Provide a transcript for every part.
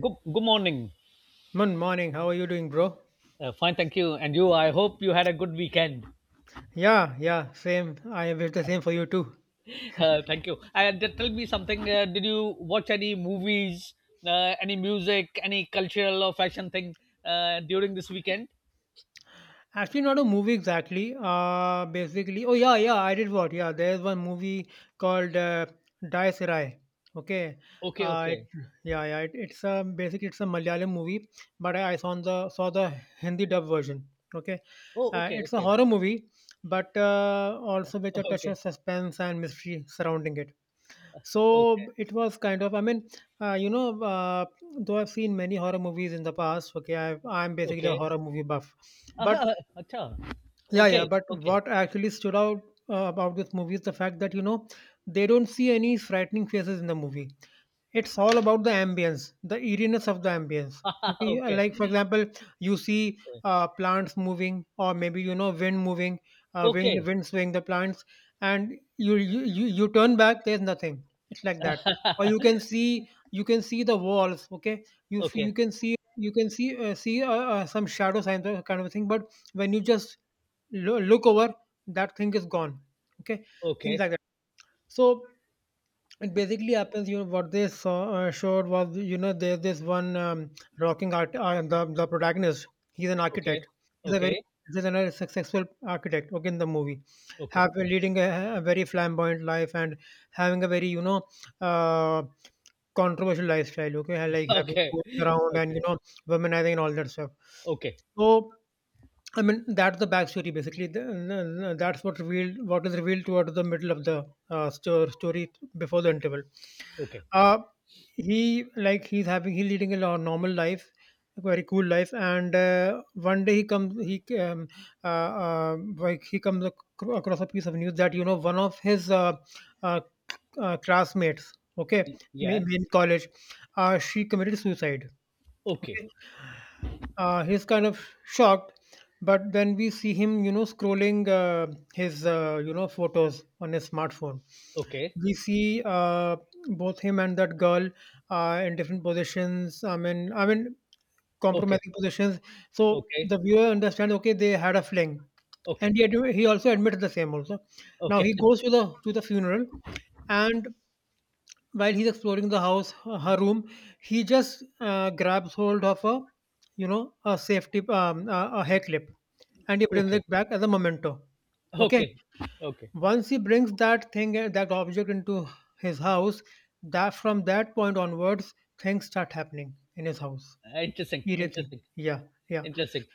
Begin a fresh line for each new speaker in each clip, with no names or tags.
Good morning.
Good morning. How are you doing, bro?
Fine, thank you. And you, I hope you had a good weekend.
Yeah, yeah, same. I wish the same for you too.
Thank you. And tell me something. Did you watch any movies, any music, any cultural or fashion thing during this weekend?
Actually, not a movie exactly. Basically, oh yeah, yeah. I did what? Yeah, there's one movie called Dai Sirai. Okay.
Okay,
Uh, it,
okay.
yeah, yeah. It, it's a basically it's a Malayalam movie, but I saw the Hindi dub version. Okay.
Oh, okay,
It's a
okay.
horror movie, but also with a touch
Okay,
of suspense and mystery surrounding it.
okay,
So it was kind of, uh, you know, uh, though I've seen many horror movies in the past, okay, I'm basically a
okay.
horror movie buff. But
Ah, acha.
Yeah, yeah,
Okay,
but
okay.
what actually stood out about this movie is the fact that, they don't see any frightening faces in the movie. It's all about the ambience, the eeriness of the ambience. Okay, yeah,
Okay.
like for example, you see plants moving, or maybe you know wind moving, uh, wind
Okay,
wind swaying the plants, and you turn back, there's nothing. It's like that. Or you can see the walls. Okay, you
okay,
can see some shadow signs or kind of a thing. But when you just look over, that thing is gone. Okay, things
okay,
like that. So it basically happens, you know, what they saw showed was, you know, there's this one rocking art, the protagonist. He's an
okay,
architect. He's a very
okay,
he's a successful architect. Okay, in the movie,
okay,
have leading a very flamboyant life and having a very, uh, controversial lifestyle. Okay, like having
okay,
going around and
okay,
you know, womanizing and all that stuff.
okay,
So, I mean, that's the backstory basically. That's what revealed, what is revealed towards the middle of the story before the interval.
okay.
uh he he's having he's leading a normal life, a very cool life, and one day he comes he like he comes across a piece of news that you know one of his uh, classmates, okay,
Yeah.
in college, she committed suicide.
Okay.
Okay, he's kind of shocked, but then we see him you know scrolling his you know photos on his smartphone.
Okay.
We see both him and that girl in different positions. I mean
Okay.
compromising positions. So
Okay.
the viewer understands. Okay, they had a fling, and
Okay.
he he also admitted the same. Also, now
Okay.
he goes to the funeral, and while he's exploring the house, her room, he just grabs hold of a you know a safety a hair clip, and he brings
Okay.
it back as a memento. Okay,
Okay. Okay.
once he brings that thing, eh, that object into his house, that from that point onwards, things start happening in his house.
Interesting.
Everything.
Interesting.
Yeah, yeah.
Interesting.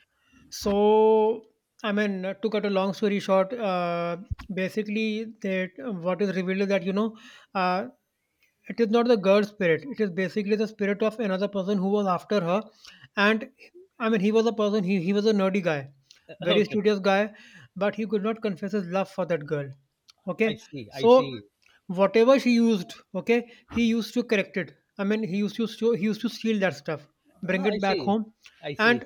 So, to cut a long story short, basically, that what is revealed is that you know, uh, it is not the girl's spirit. It is basically the spirit of another person who was after her, and I mean he was a person. He was a nerdy guy,
Uh,
very
Okay.
studious guy, but he could not confess his love for that girl.
I
Okay,
see. I see.
so whatever she used, okay, he used to correct it. I mean he used to steal that stuff, bring
Ah, I
it back
see.
home,
I see.
and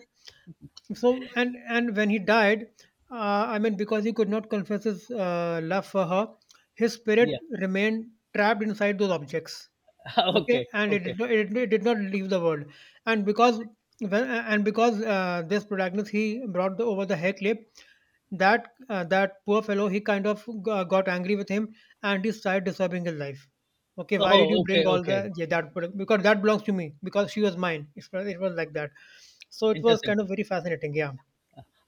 so and when he died, I mean because he could not confess his love for her, his spirit
Yeah.
remained trapped inside those objects. Okay,
Okay.
and it
Okay.
did not, it did not leave the world. And because this protagonist he brought over the hair clip, that that poor fellow he kind of got angry with him, and he started disturbing his life. Okay, why did you
Oh,
bring
okay.
all
Okay.
the, yeah, that product because that belongs to me because she was mine. It was like that. So it was
Interesting.
kind of very fascinating, yeah.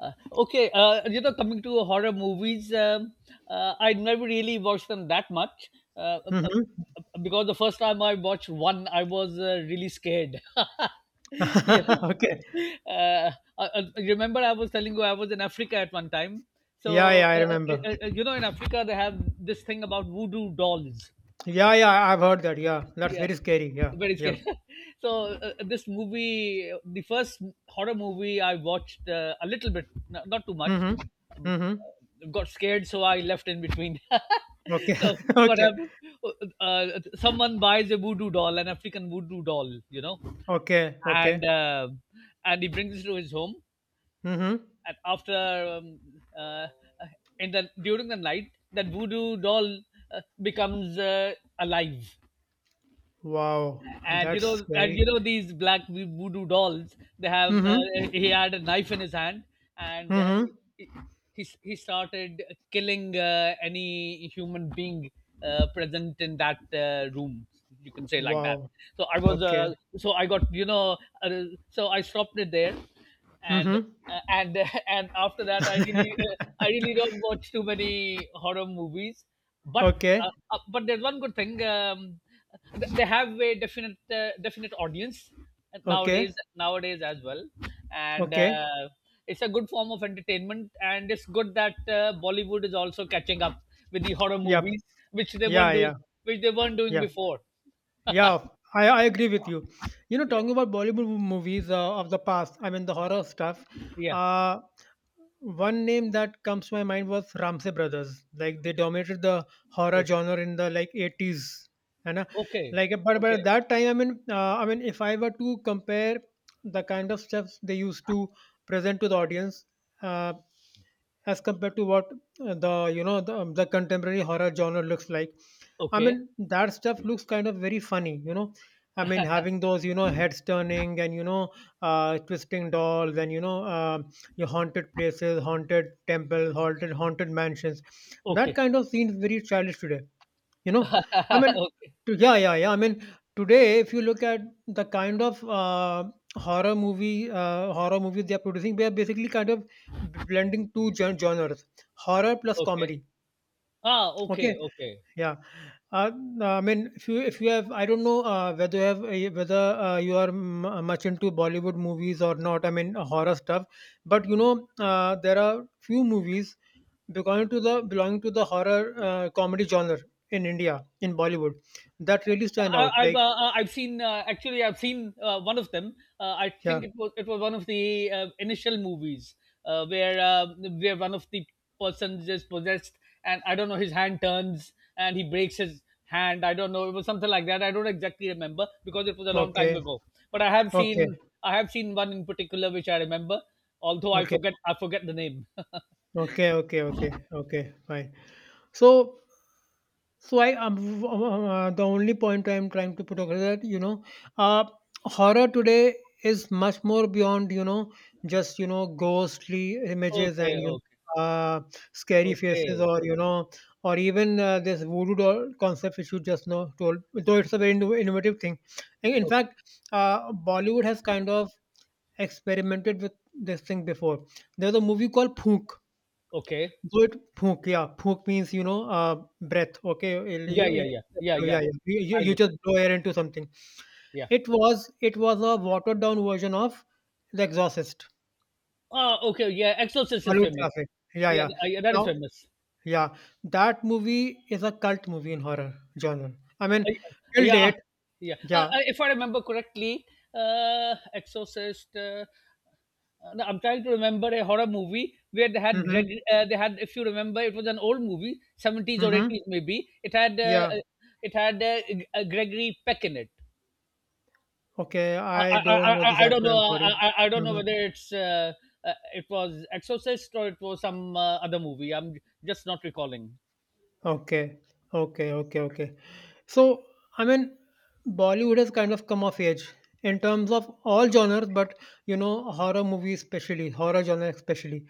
Okay. Coming to horror movies, I never really watched them that much, uh, uh, uh,
Mm-hmm.
because the first time I watched one, I was really scared. Yeah.
Okay.
Uh, I, I remember I was telling you I was in Africa at one time.
Yeah,
So,
yeah, I remember.
in Africa, they have this thing about voodoo dolls.
Yeah, yeah, I've heard that. Yeah, that's
Yeah.
very scary. Yeah,
Very
yeah.
scared. So this movie, the first horror movie I watched a little bit, not too much.
Mm-hmm.
Um,
Mm-hmm.
got scared, so I left in between.
Okay.
So what
Okay.
happened? Someone buys a voodoo doll, an African voodoo doll,
Okay.
and
Okay.
uh, and he brings it to his home.
Mm-hmm.
And after, um, uh, in the during the night, that voodoo doll uh, becomes alive.
Wow.
and you
That's
know and
scary.
you know these black voodoo dolls, they have
Mm-hmm.
he had a knife in his hand. And
Mm-hmm.
he, he started killing any human being present in that room, you can say like that.
Wow.
So I was
Okay.
so I got you know uh, so I stopped it there. and
Mm-hmm.
uh, and and after that i really uh, i really don't watch too many horror movies, but
Okay.
but there's one good thing. They have a definite, definite audience
Okay.
nowadays, as well. And
Okay.
it's a good form of entertainment, and it's good that Bollywood is also catching up with the horror
Yep.
movies, which they
Yeah.
weren't doing
Yeah.
which they weren't doing
Yeah.
before.
Yeah. I agree with you. You know,
Yeah,
talking about Bollywood movies of the past, I mean, the horror stuff.
yeah.
Uh, One name that comes to my mind was Ramsey Brothers. Like they dominated the horror
Okay,
genre in the like 80s, and
okay,
but at that time, I mean, if I were to compare the kind of stuff they used to present to the audience, uh, as compared to what the you know the contemporary horror genre looks like, I
okay,
mean, that stuff looks kind of very funny, you know. I mean, having those, you know, heads turning and, you know, twisting dolls and, you know, your haunted places, haunted temples, haunted mansions.
okay,
That
okay.
kind of scene is very childish today. You know, I mean,
Okay,
yeah, yeah, yeah. I mean, today if you look at the kind of horror movies they are producing, they are basically kind of blending two genres: horror plus
okay.
comedy.
Ah, okay,
Okay,
okay.
yeah. Uh, I mean, if you have, I don't know whether you are much into Bollywood movies or not. I mean, horror stuff. But you know, there are few movies belonging to the horror comedy genre in India in Bollywood that really stand out. Like,
I've seen, actually I've seen, one of them. I
yeah,
think it was one of the initial movies, uh, where uh, where one of the persons is possessed, and I don't know, his hand turns and he breaks his hand. I don't know, it was something like that. I don't exactly remember because it was a long time
okay,
ago. But
okay,
I have seen one in particular which I remember, although
okay,
I forget the name.
okay, okay, okay, okay. Fine. So, the only point I'm trying to put across that you know, uh, horror today is much more beyond you know just you know ghostly images
Okay,
and you
okay,
know, scary faces
okay,
or you know, or even this voodoo doll concept which you just know told. Though it's a very innovative thing. In
okay.
fact, Bollywood has kind of experimented with this thing before. There's a movie called Phook.
Okay.
Word phuk, yeah. Phuk means, you know, breath, okay?
Yeah, yeah, yeah, yeah,
Yeah,
yeah.
yeah.
I
You just
understand.
blow air into something.
Yeah.
It was a watered down version of The Exorcist,
Ah, okay, yeah, Exorcist is
Hollywood
famous.
classic. Yeah,
Yeah,
yeah.
yeah, that is
Now,
famous.
yeah, that movie is a cult movie in horror genre. I mean,
Yeah,
till
yeah.
date,
Yeah.
yeah.
If I remember correctly, Exorcist. I'm trying to remember a horror movie where they had Greg.
Mm-hmm.
They had, if you remember, it was an old movie, 70s or
Mm-hmm.
80s maybe. It had
Yeah.
Gregory Peck in it.
Okay,
I,
I
I,
don't
I,
know
I
this
I don't
actor.
know.
I'm
uh,
sorry.
I, I I don't know
Mm-hmm.
whether it's it was Exorcist or it was some other movie. I'm just not recalling.
Okay. Okay, okay, okay. So, I mean, Bollywood has kind of come of age in terms of all genres, but you know, horror movies especially, horror genre especially.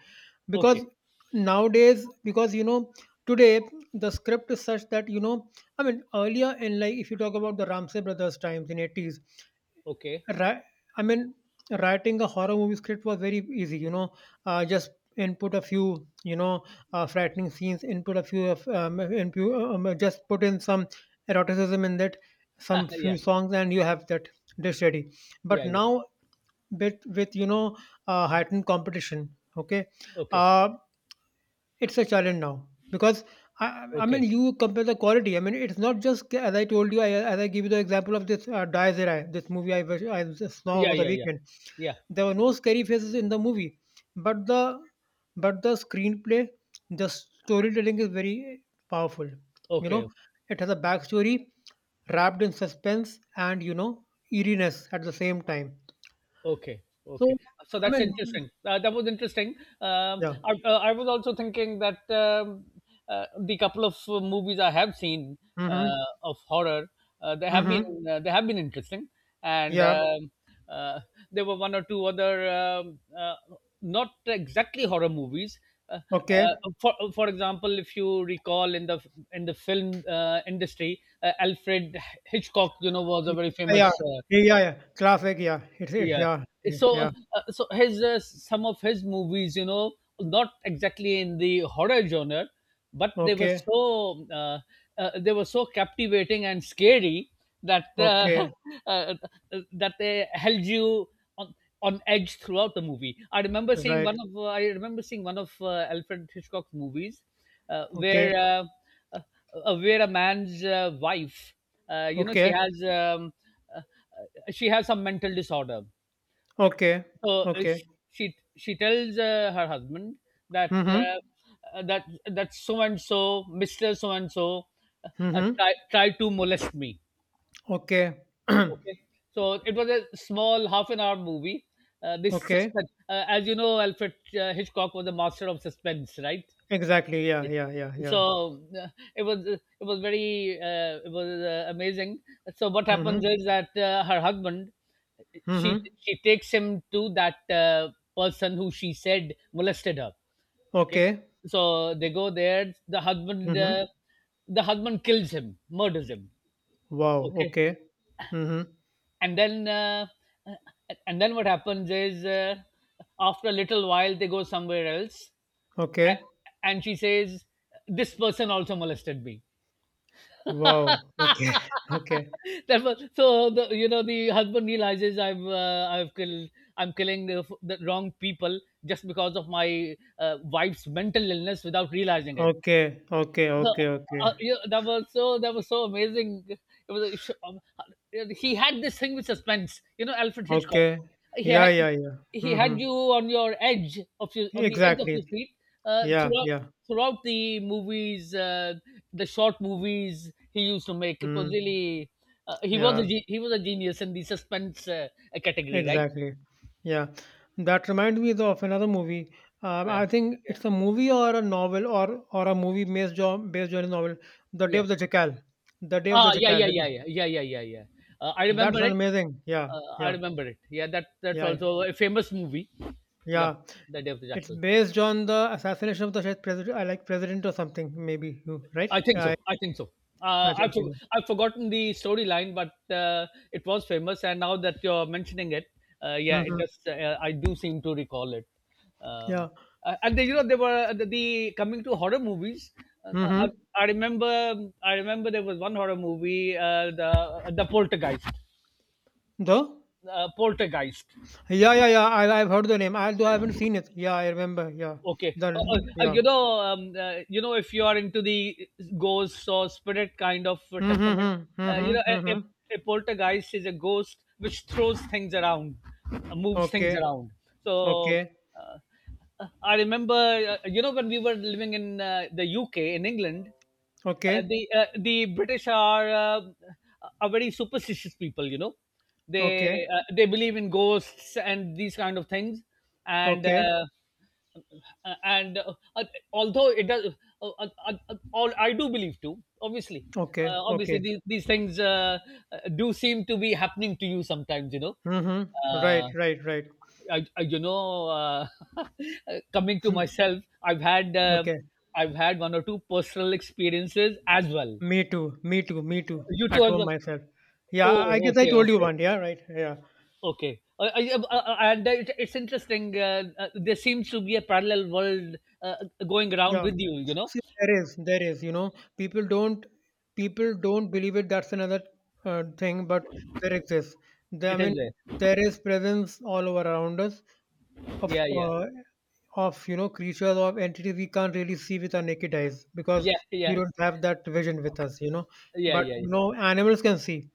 Okay,
Because nowadays, because you know, today the script is such that, you know, I mean, earlier in like if you talk about the Ramsey brothers times in 80s,
okay.
Ri- I mean, writing a horror movie script was very easy. You know, just input a few, you know, frightening scenes. Input a few of, input, just put in some eroticism in that, some
Yeah,
few songs, and you have that dish ready. But
yeah, yeah.
now, with you know, heightened competition. Okay,
Okay,
uh, it's a challenge now because I mean
okay.
you compare the quality. I mean it's not just as I told you. I, as I give you the example of this Dies this movie I just saw
Yeah,
over the
yeah, yeah,
weekend.
yeah.
There were no scary faces in the movie, but the screenplay, the storytelling is very powerful. You
Okay.
know, it has a backstory wrapped in suspense and you know eeriness at the same time.
Okay,
So
okay. So
I
that's
mean,
interesting. That was interesting.
yeah.
I was also thinking that, the couple of movies I have seen
Mm-hmm.
of horror, uh, they have been
Mm-hmm.
they have been interesting, and
Yeah.
uh, there were one or two other, not exactly horror movies. Uh,
Okay.
for example, if you recall, in the film industry, Alfred Hitchcock, you know, was a very
Yeah, yeah.
famous,
Yeah, yeah. Traffic, yeah. It's it.
yeah.
Yeah, yeah,
So
yeah.
so his, some of his movies, you know, not exactly in the horror genre, but they were
Okay,
so, they were so captivating and scary that,
okay,
uh, that they held you on, on edge throughout the movie.
right.
I remember seeing one of Alfred Hitchcock's movies, uh,
Okay,
where uh, uh, where a man's, wife, uh, you know she
okay,
has um, uh, she has some mental disorder.
okay,
So
okay.
she tells, her husband that,
Mm-hmm.
uh, that that so and so, Mister so and so,
Mm-hmm.
try to molest me.
Okay.
Okay, so it was a small half an hour movie. This
Okay.
suspense, as you know, Alfred, Hitchcock was a master of suspense, right?
Exactly. Yeah,
Yeah.
yeah, yeah, yeah.
So it was, it was very it was amazing. So what happens
Mm-hmm.
is that, her husband, she
Mm-hmm.
she takes him to that, uh, person who she said molested her. Okay,
Okay.
so they go there. The husband,
Mm-hmm.
kills him, murders him.
Wow.
Okay.
Okay. Mm-hmm.
And then, what happens is, after a little while they go somewhere else,
Okay.
a- and she says this person also molested me.
Wow. Okay. Okay.
That was so, the you know, the husband realizes, I've, I've killed, I'm killing the wrong people just because of my, wife's mental illness without realizing it.
Okay. Okay.
So,
Okay. Okay.
yeah, that was so, that was so amazing. It was a he had this thing with suspense. You know, Alfred Hitchcock.
Okay.
He
Yeah,
had,
yeah, yeah. Mm-hmm.
you on your edge of your, on the edge of your
Exactly.
seat, uh,
Yeah,
throughout
yeah.
throughout the movies, the short movies he used to make. It was
Mm,
really,
yeah,
he was a genius in the suspense, category, right?
exactly. Yeah. That reminds me of another movie.
Yeah,
I think
yeah,
it's a movie or a novel or a movie based on a novel. The Day
yeah.
of the Jackal. The Day of the
Ah, yeah,
Jackal.
yeah,
Have
yeah,
you-
yeah, yeah, yeah, yeah, yeah. I
That's
remember
an
it.
amazing. Yeah,
I
yeah,
remember it. Yeah, that that's
yeah, yeah.
also a famous movie. Yep,
Yeah.
The Day of the
It's
Jackal.
based on the assassination of the Shahid president, I like president or something, maybe you right?
I think so. I think so.
I think so. Yeah.
I've forgotten the storyline, but it was famous, and now that you're mentioning it, yeah, it
Mm-hmm.
does. I do seem to recall it. Um,
Yeah.
and then, you know, there were, the coming to horror movies. Uh, uh, I,
Mm-hmm.
I remember. I remember there was one horror movie, the, the Poltergeist.
Though?
Poltergeist.
Yeah, yeah, yeah. I've heard the name. Although I haven't seen it. Yeah, I remember. Yeah.
Okay,
The yeah.
you know, if you are into the ghosts or spirit kind of, temperament,
Mm-hmm.
you
Mm-hmm.
know,
Mm-hmm.
a poltergeist is a ghost which throws things around, moves things
Okay.
around. So,
Okay.
uh, I remember, you know, when we were living in the UK, in England,
Okay.
the British are, are very superstitious people. You know, they,
Okay.
they believe in ghosts and these kind of things, and
Okay.
uh, and uh, uh, although it does, all I do believe too. Obviously,
Okay.
obviously
Okay.
these things, do seem to be happening to you sometimes. You know,
Mm-hmm. Right,
uh,
right, right.
I, I, you know, uh, coming to
Hmm.
myself, I've had,
Okay.
one or two personal experiences as well.
Me too. Me too. Me too.
You too,
At
as
home
well.
myself. Yeah, I
Oh,
guess I
okay,
told you
okay,
one. Yeah, right. Yeah.
okay. And it, it's interesting. There seems to be a parallel world, uh, going around
Yeah.
with you. You know,
See, there is, you know, people don't, people don't believe it. That's another thing, but there exists. There, I
it
mean,
is there.
there is presence all over around us of
Yeah, yeah,
uh, of you know creatures or entities we can't really see with our naked eyes because
yeah,
we
yeah,
don't have that vision with us you know
yeah,
but
yeah.
you know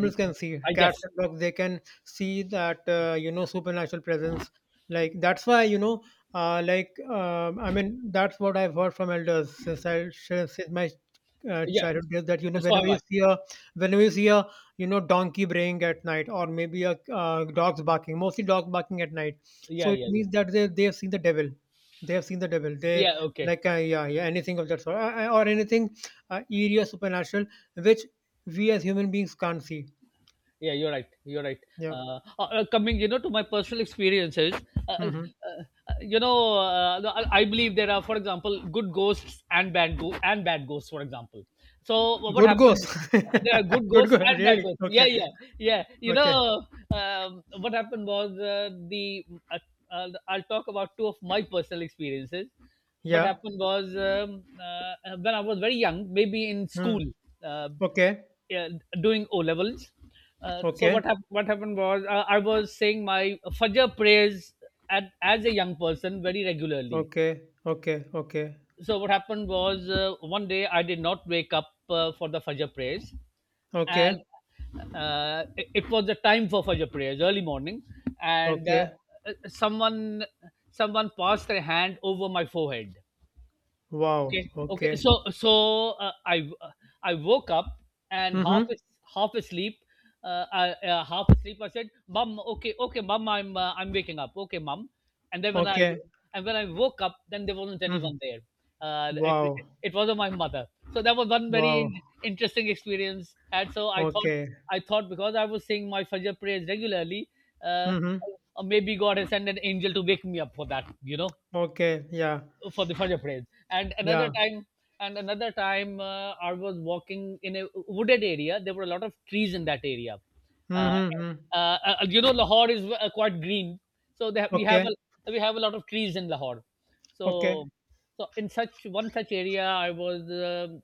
Yeah.
can see
I
cats
guess.
and dogs they can see that you know supernatural presence like that's why you know I mean that's what I've heard from elders since I since my
Yeah.
childhood days that you know
So have
whenever you
I.
see a whenever you see a you know donkey braying at night or maybe a dog's barking, mostly dogs barking at night, so
Yeah,
it
yeah, yeah.
means that they have seen the devil. They have seen the devil. They
Yeah. Okay.
like yeah, yeah, anything of that sort or anything eerie or supernatural which we as human beings can't see.
Yeah, you're right. You're right.
Yeah.
Coming, you know, to my personal experiences, uh, uh, uh,
Hmm.
no, I believe there are, for example, good ghosts and bad ghosts. For example, so what
Good ghost.
happened? There are good
Good
ghosts
ghost.
and bad
Really.
ghosts. Yeah,
Okay.
yeah, yeah. You
Okay.
know, what happened was, the uh, I'll talk about two of my personal experiences. What
Yeah.
happened was, when I was very young, maybe in
Hmm.
school. Uh,
Okay.
yeah, doing O levels. So
Okay.
what happened was, I was saying my Fajr prayers at as a young person very regularly.
Okay. Okay. Okay.
So what happened was one day I did not wake up, for the Fajr prayers,
Okay.
and it, it was the time for Fajr prayers, early morning, and
Okay.
someone, passed their hand over my forehead. Okay,
Wow.
okay.
Okay.
So, so I woke up and
Mm-hmm.
half asleep. Uh, I, Half asleep, I said, "Mom, okay, okay, Mom, I'm waking up. Okay, Mom." And then when I
Okay.
and when I woke up, then there wasn't anyone
Hmm.
there. Uh, it,
Wow.
it wasn't my mother. So that was one
Wow.
very interesting experience. And so
Okay.
I thought because I was saying my Fajr prayers regularly, uh,
Mm-hmm.
maybe God has sent an angel to wake me up for that. You know,
Okay. Yeah.
for the for your praise. And another
Yeah.
time, and another time, I was walking in a wooded area. There were a lot of trees in that area. Uh,
Mhm, mhm.
uh, you know, Lahore is quite green, so we have
Okay,
a lot of trees in Lahore.
okay,
So, so in such one such area, I was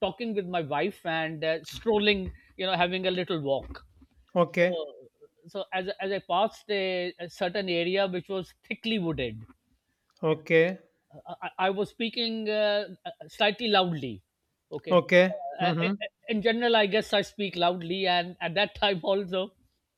talking with my wife and strolling, you know, having a little walk.
okay,
So, so as I passed a certain area which was thickly wooded,
okay,
I was speaking slightly loudly. Okay.
okay.
Uh, uh, uh,
Mhm.
in general, I guess I speak loudly, and at that time also,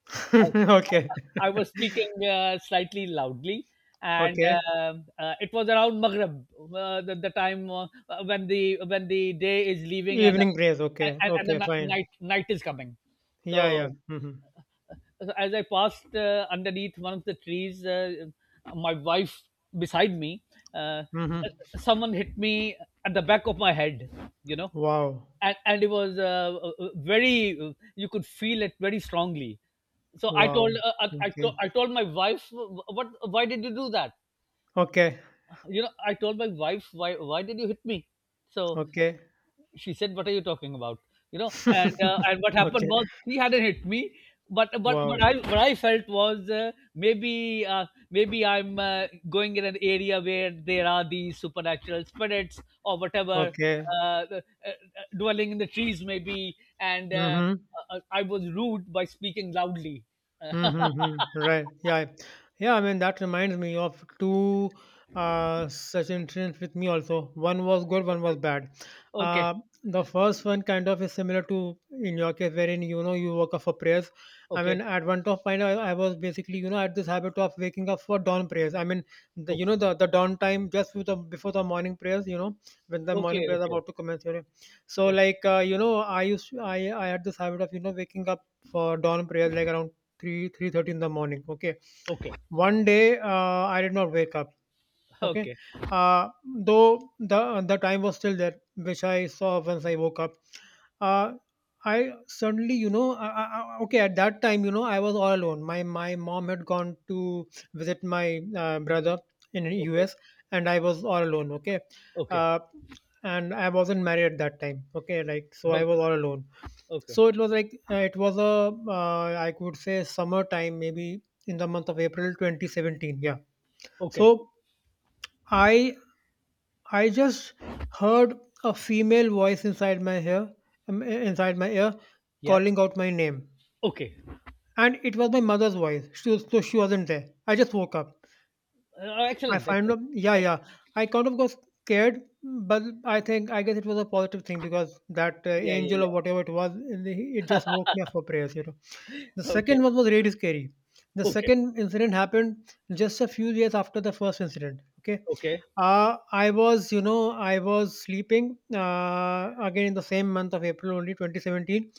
Okay,
I was speaking slightly loudly, and
okay.
it was around Maghrib, the time when the day is leaving
Evening prayers. Okay,
and the
okay, fine.
night is coming.
Yeah, yeah.
So
Mhm,
as I passed underneath one of the trees, my wife beside me, uh,
mhm.
someone hit me at the back of my head, you know,
Wow,
and it was very, you could feel it very strongly. So I
wow.
told,
Okay,
I told my wife, why did you do that?
okay,
You know, I told my wife, why did you hit me? So
okay,
she said, what are you talking about, you know? And and what happened
okay.
was he hadn't hit me, but what
Wow.
I what I felt was maybe, maybe I'm going in an area where there are these supernatural spirits or whatever,
Okay.
uh, uh, dwelling in the trees maybe, and
Mhm.
I was rude by speaking loudly.
Mhm, mhm. Right. Yeah. Yeah, I mean that reminds me of two such incidents with me also. One was good, one was
Okay.
bad.
okay
Uh the first one kind of is similar to in your case wherein you know you woke up for prayers. I mean
okay
at one top point, I was basically, you know, at this habit of waking up for dawn prayers. I mean the you know the dawn time just with the, before the morning prayers, you know, when the morning
okay
prayers are
okay
about to commence, you know. So
okay
like you know, I had this habit of, you know, waking up for dawn prayers like around 3 3:30 in the morning. Okay,
okay
one day I did not wake up. Okay,
okay
uh, though the time was still there, which I saw once I woke up. Uh, I suddenly, you know, okay, at that time, you know, I was all alone. My mom had gone to visit my brother in
okay
US, and I was all alone. Okay,
okay
uh, and I wasn't married at that time. Okay, like so,
okay
I was
okay
all alone.
okay
So it was like it was a I could say summertime, maybe in the month of April 2017. Yeah.
okay,
So I I just heard a female voice inside my ear,
yeah
calling out my name,
okay.
and it was my mother's voice. She was, so she wasn't there. I just woke up.
Oh,
I
excellent,
find out,
excellent.
yeah,
Ex
yeah. I kind of got scared, but I think I guess it was a positive thing because that
Yeah, yeah,
angel or
yeah.
whatever it was, it just woke me up for prayers, you know. The
Okay,
second one was really scary. The
okay,
second incident happened just a few years after the first incident. Okay,
okay,
I was, you know, I was sleeping again in the same month of April, only 2017.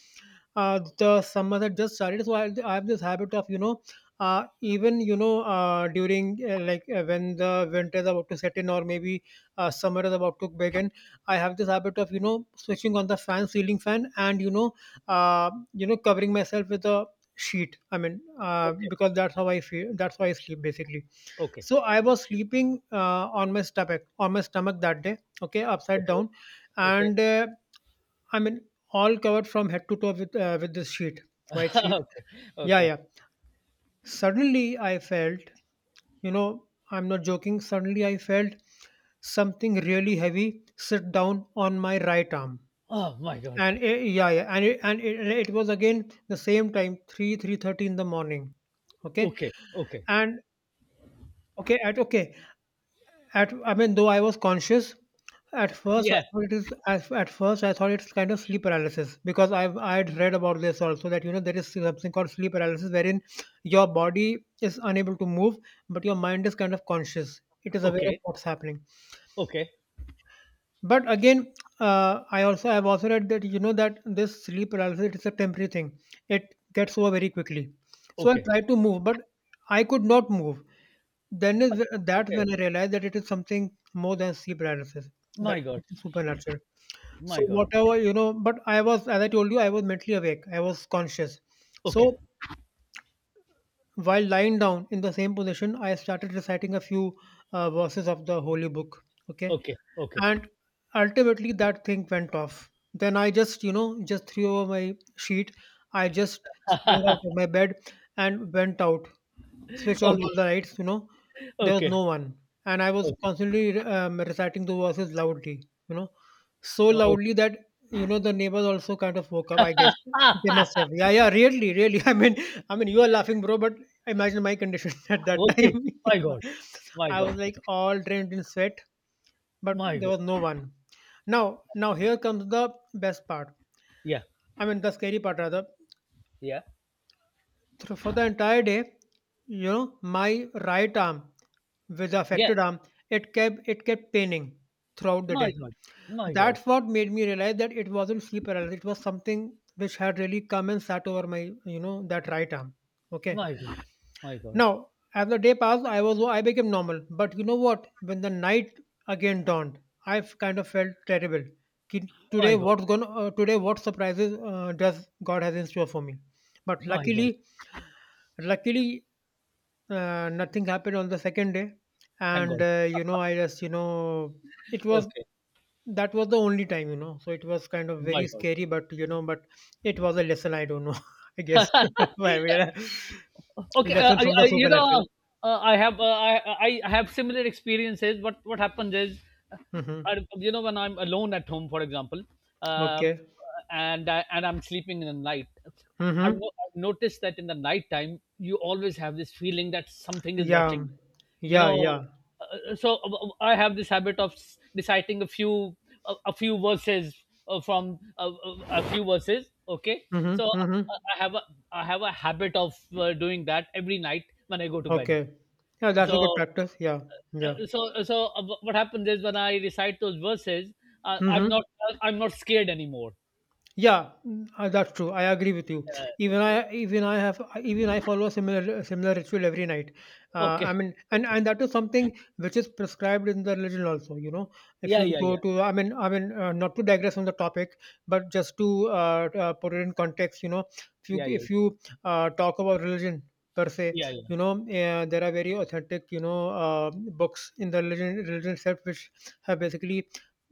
The summers had just started, so I have this habit of you know even you know during like when the winter is about to set in or maybe summer is about to begin, I have this habit of you know switching on the fan, ceiling fan, and you know covering myself with a sheet. I mean
okay,
because that's how I feel, that's how I sleep basically.
okay,
So I was sleeping on my stomach, on my stomach that day, okay, upside
okay,
down,
okay,
and I mean, all covered from head to toe with this sheet, white sheet.
okay,
Yeah,
okay.
yeah. Suddenly, I felt, you know, I'm not joking. Suddenly, I felt something really heavy sit down on my right arm,
Oh my God.
and eh, yeah, yeah, and and it, it was again the same time, three three thirty in the morning. Okay,
Okay, okay.
and okay, at okay, at I mean, though I was conscious, at first I
Yeah.
thought it is. At first I thought it's kind of sleep paralysis because I had read about this also that you know there is something called sleep paralysis wherein your body is unable to move but your mind is kind of conscious. It is aware of
Okay,
what's happening.
okay,
But again, I also, I've also read that you know that this sleep paralysis, it is a temporary thing. It gets over very quickly. So I
okay.
tried to move, but I could not move. Then is
Achha.
that's
Okay.
when I realized that it is something more than sleep paralysis.
My
That's
God,
something supernatural. So
my God.
whatever, you know, but I was, as I told you, I was mentally awake. I was conscious.
Okay,
So while lying down in the same position, I started reciting a few verses of the holy book. Okay.
okay, okay,
And ultimately that thing went off. Then I just, you know, just threw over my sheet. I just sprang out of my bed and went out, switch on
okay,
all the lights, you know, there was
okay,
no one. And I was
okay,
constantly reciting the verses loudly, you know, so
oh,
loudly
okay.
that, you know, the neighbors also kind of woke up, I guess.
Ah,
They must
ah,
have. Yeah, yeah, really, really. I mean, you are laughing, bro, but imagine my condition at that time.
okay. My God, my
I was
God,
like all drained in sweat, but
my
there
God.
was no one. Now, now here comes the best part.
Yeah,
I mean, the scary part rather,
yeah,
for the entire day, you know, my right arm, with the
yeah.
affected arm, it kept paining throughout the
My
day.
God, my God,
That's what made me realize that it wasn't sleep paralysis. It was something which had really come and sat over my, you know, that right arm. Okay.
my God, my God,
Now, as the day passed, I became normal. But you know what? When the night again dawned, I kind of felt terrible. Today,
my God,
what's gonna today? What surprises does God has in store for me? But
my God.
luckily, luckily nothing happened on the second day,
Thank
and
God.
you know, I just you know, it was
Okay.
that was the only time you know. So it was kind of very
My God.
scary, but you know, but it was a lesson. I don't know. I guess why we are
Okay.
lesson from the
You
supernatural.
know, I have similar experiences. What happens is, uh,
Mm-hmm.
I, you know, when I'm alone at home, for example, uh,
Okay.
and I, and I'm sleeping in the night, I've,
Mm-hmm.
no, I've noticed that in the night time, you always have this feeling that something is watching
Yeah.
you. You
Yeah.
know,
Yeah.
so I have this habit of reciting a few a few verses from a few verses, okay? so
Mm-hmm.
i
Mm-hmm.
I have a I have a habit of doing that every night when I go to bed.
Okay. Yeah, that's
so
a good practice. Yeah. Yeah.
so what happens is when I recite those verses, I'm
Mm-hmm.
not, I'm not scared anymore.
Yeah, mm, that's true. I agree with you.
uh,
Even I have, even I follow a similar similar ritual every night.
okay.
I mean,
okay
and that is something which is prescribed in the religion also. You know, if
yeah
you
yeah
go
yeah
to, I mean, not to digress on the topic, but just to put it in context, you know, if you
yeah yeah
if you uh, talk about religion per se,
yeah yeah
you know, there are very authentic, you know, books in the religion itself which have basically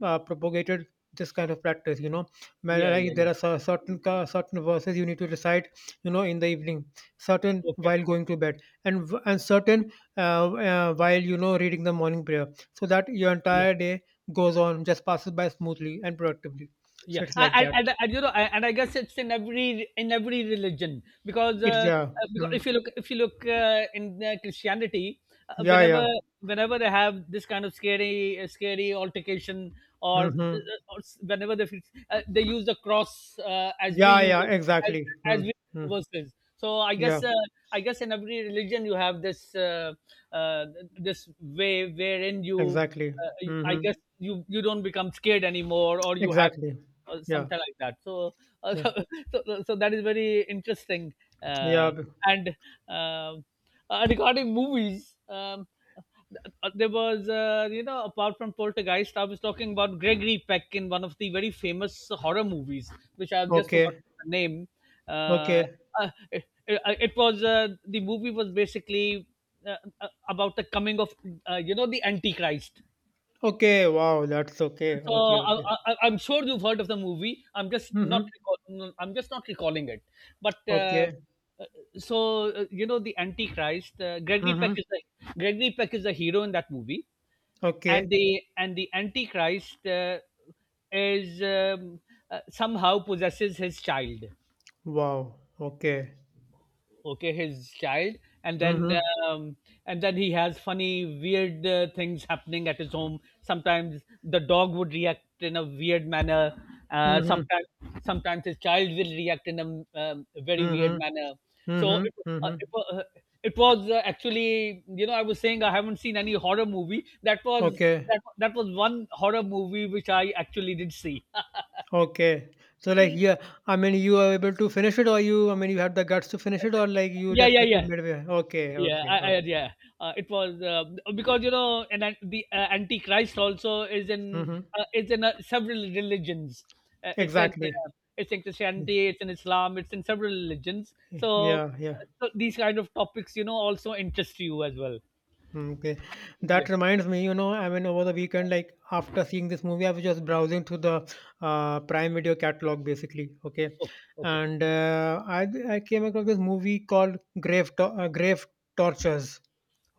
propagated this kind of practice. You know man,
yeah
like
yeah
there
yeah
are certain certain verses you need to recite, you know, in the evening, certain
okay
while going to bed, and and certain while you know reading the morning prayer, so that your entire day goes on just passes by smoothly and productively.
yeah.
So it's like that.
And you know, and I guess it's in every religion,
It's yeah.
because
Mm,
if you look in Christianity,
yeah, yeah.
whenever they have this kind of scary scary altercation, or,
Hmm.
whenever they feel, they use the cross as we
Yeah,
use
yeah,
it,
exactly.
as we
Mm,
use
mm,
the verses. So I
yeah,
guess, I guess in every religion you have this, uh, this way wherein you,
exactly.
I
Hmm.
guess you don't become scared anymore, or you have
Exactly.
or
Yeah.
something like that. So, uh,
yeah
so that is very interesting.
yeah
Uh,
b-
and um, regarding movies, there was, you know, apart from Poltergeist, I was talking about Gregory Peck in one of the very famous horror movies, which I've just forgotten
okay,
the name. Uh,
okay,
uh, it, it was, the movie was basically about the coming of, you know, the Antichrist.
okay. Wow, that's okay,
so
okay,
I,
okay.
I, I'm sure you've heard of the movie.
Mhm.
I'm just not recalling it. But uh,
Okay.
so, you know, the Antichrist. Gregory Peck
Mhm.
is the Gregory Peck is the hero in that movie, and
Okay.
the Antichrist is, somehow possesses his child.
Wow. Okay.
Okay, his child. And then
Mhm.
um, he has funny weird things happening at his home. Sometimes the dog would react in a weird manner, uh,
Mhm.
sometimes sometimes his child will react in a, very weird
Mhm.
manner. so
Mhm.
it, uh,
Mhm.
it, wa- uh, it was, actually, you know, I was saying I haven't seen any horror movie that was
Okay.
that was one horror movie which I actually did see.
Okay. So like yeah, I mean you are able to finish it, or you I mean you had the guts to finish it, or like you
Yeah,
just
yeah,
left it
yeah,
midway. Okay,
yeah,
okay, okay.
yeah. It was, because, you know, the, Antichrist also is in,
Mm-hmm.
it's in, several religions. It's in,
Exactly.
it's in
Yeah.
Christianity, it's in Islam, it's in several religions. So,
Yeah. Yeah.
so these kind of topics, you know, also interest you as well.
Mm. Okay,
Yeah.
that reminds me, you know, I mean, over the weekend, like after seeing this movie, I was just browsing through the Prime Video catalog, basically. Okay,
Okay, okay,
and I came across this movie called Grave Tortures.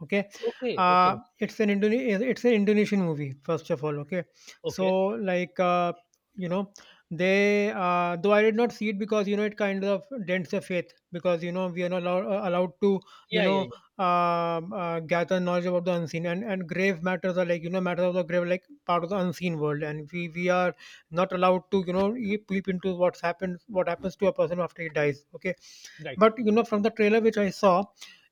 Okay,
okay, okay,
it's an it's an Indonesian movie, first of all. Okay,
okay.
so like you know, they though I did not see it because you know it kind of dents the faith because you know we are not allowed to you
Yeah,
know
yeah, yeah.
gather knowledge about the unseen, and grave matters are, like you know, matters of the grave, like part of the unseen world, and we are not allowed to, you know, peep into what happens to a person after he dies. Okay,
Right.
but you know from the trailer which I saw,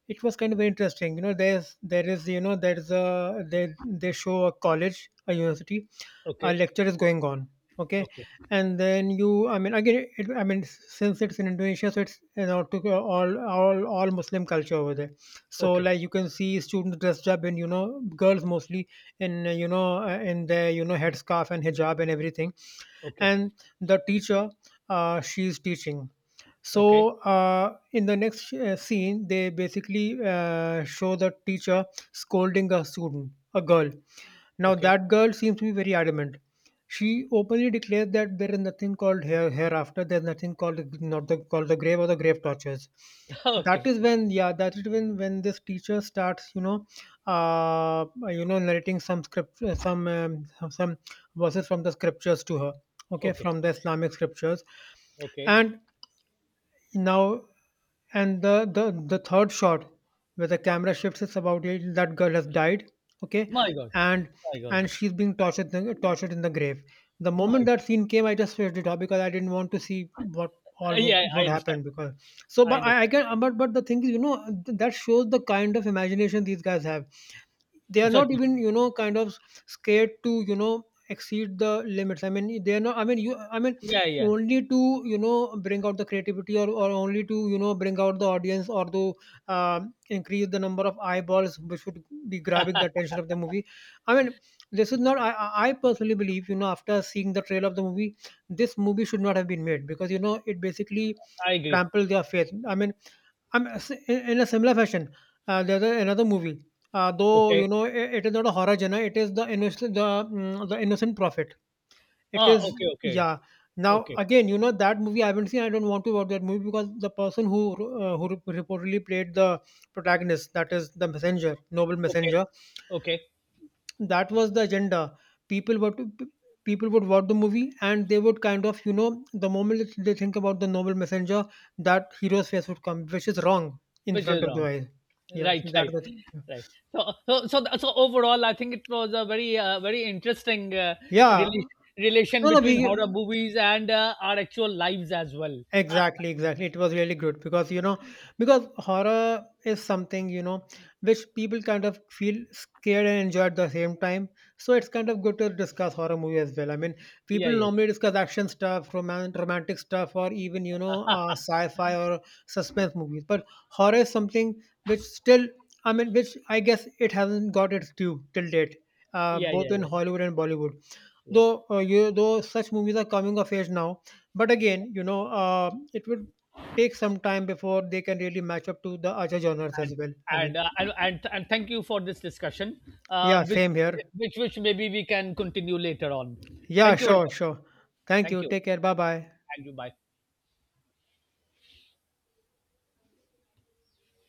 it was kind of very interesting. You know, there's there is you know, there's a, they show a college, a university. Our
Okay,
lecture is going on. Okay,
okay,
and then you I mean, again, I mean since it's in Indonesia, so it's, you know, to all Muslim culture over there. So
okay,
like you can see students dressed up in, you know, girls mostly in you know, in their, you know, headscarf and hijab and everything,
okay,
and the teacher, she's teaching.
okay,
So in the next scene they basically show the teacher scolding a student, a girl. Now
okay,
that girl seems to be very adamant. She openly declares that there is nothing called hereafter. There's nothing called not the called the grave or the grave tortures. That
okay,
is when, yeah, that is when this teacher starts, you know, you know, narrating some verses from the scriptures to her. Okay,
okay,
from the Islamic scriptures,
okay.
and now, and the third shot, where the camera shifts, it's about it. That girl has died. Okay,
My God,
and
my
and
God,
she's being tortured in the grave. The
my
moment
God.
that scene came, I just switched it off because I didn't want to see what all
Yeah, I
would
understand.
happen. Because so,
I
but
understand.
but the thing is, you know, that shows the kind of imagination these guys have. They are not
Certainly.
even, you know, kind of scared to, you know, exceed the limits. I mean, they are not, I mean, you I mean,
Yeah, yeah.
only to, you know, bring out the creativity, or only to, you know, bring out the audience, or to increase the number of eyeballs which would be grabbing the attention of the movie. I mean, this is not, I personally believe, you know, after seeing the trailer of the movie, this movie should not have been made because, you know, it basically
I agree.
trampled their faith. I mean, I'm in a similar fashion. There's a, another movie, though,
Okay.
you know, it is not a horror genre. It is The Innocent, the The Innocent Prophet. It
Ah,
is,
okay, okay.
yeah. Now
Okay.
again, you know, that movie I haven't seen. I don't want to watch that movie because the person who reportedly played the protagonist, that is the messenger, noble
Okay.
messenger,
Okay.
that was the agenda. People were to, people would watch the movie, and they would kind of, you know, the moment that they think about the noble messenger, that hero's face would come, which is wrong, in
Which
front
is
of the
wrong.
eyes. Yeah, so
Right,
that's
right,
the thing.
right. So overall, I think it was a very, very interesting
Yeah, yeah.
relation relation
no no
between
we
horror movies and our actual lives as well. Ah,
Exactly, exactly. It was really good because, you know, because horror is something, you know, which people kind of feel scared and enjoy at the same time. So it's kind of good to discuss horror movie as well. I mean,
yeah,
people
yeah,
normally discuss action stuff, romantic stuff, or even, you know, sci-fi or suspense movies. But horror is something which still, I mean, which I guess it hasn't got its due till date,
yeah,
both
yeah,
in
yeah,
Hollywood and Bollywood.
yeah.
Though though such movies are coming of age now, but again, you know, it will take some time before they can really match up to the other genres as
And
well. I mean,
and thank you for this discussion,
yeah,
which
same here.
which maybe we can continue later on.
Yeah,
Thank you very
sure,
much.
sure. Thank
Thank
you.
you.
Take care. Bye bye.
Thank you. Bye.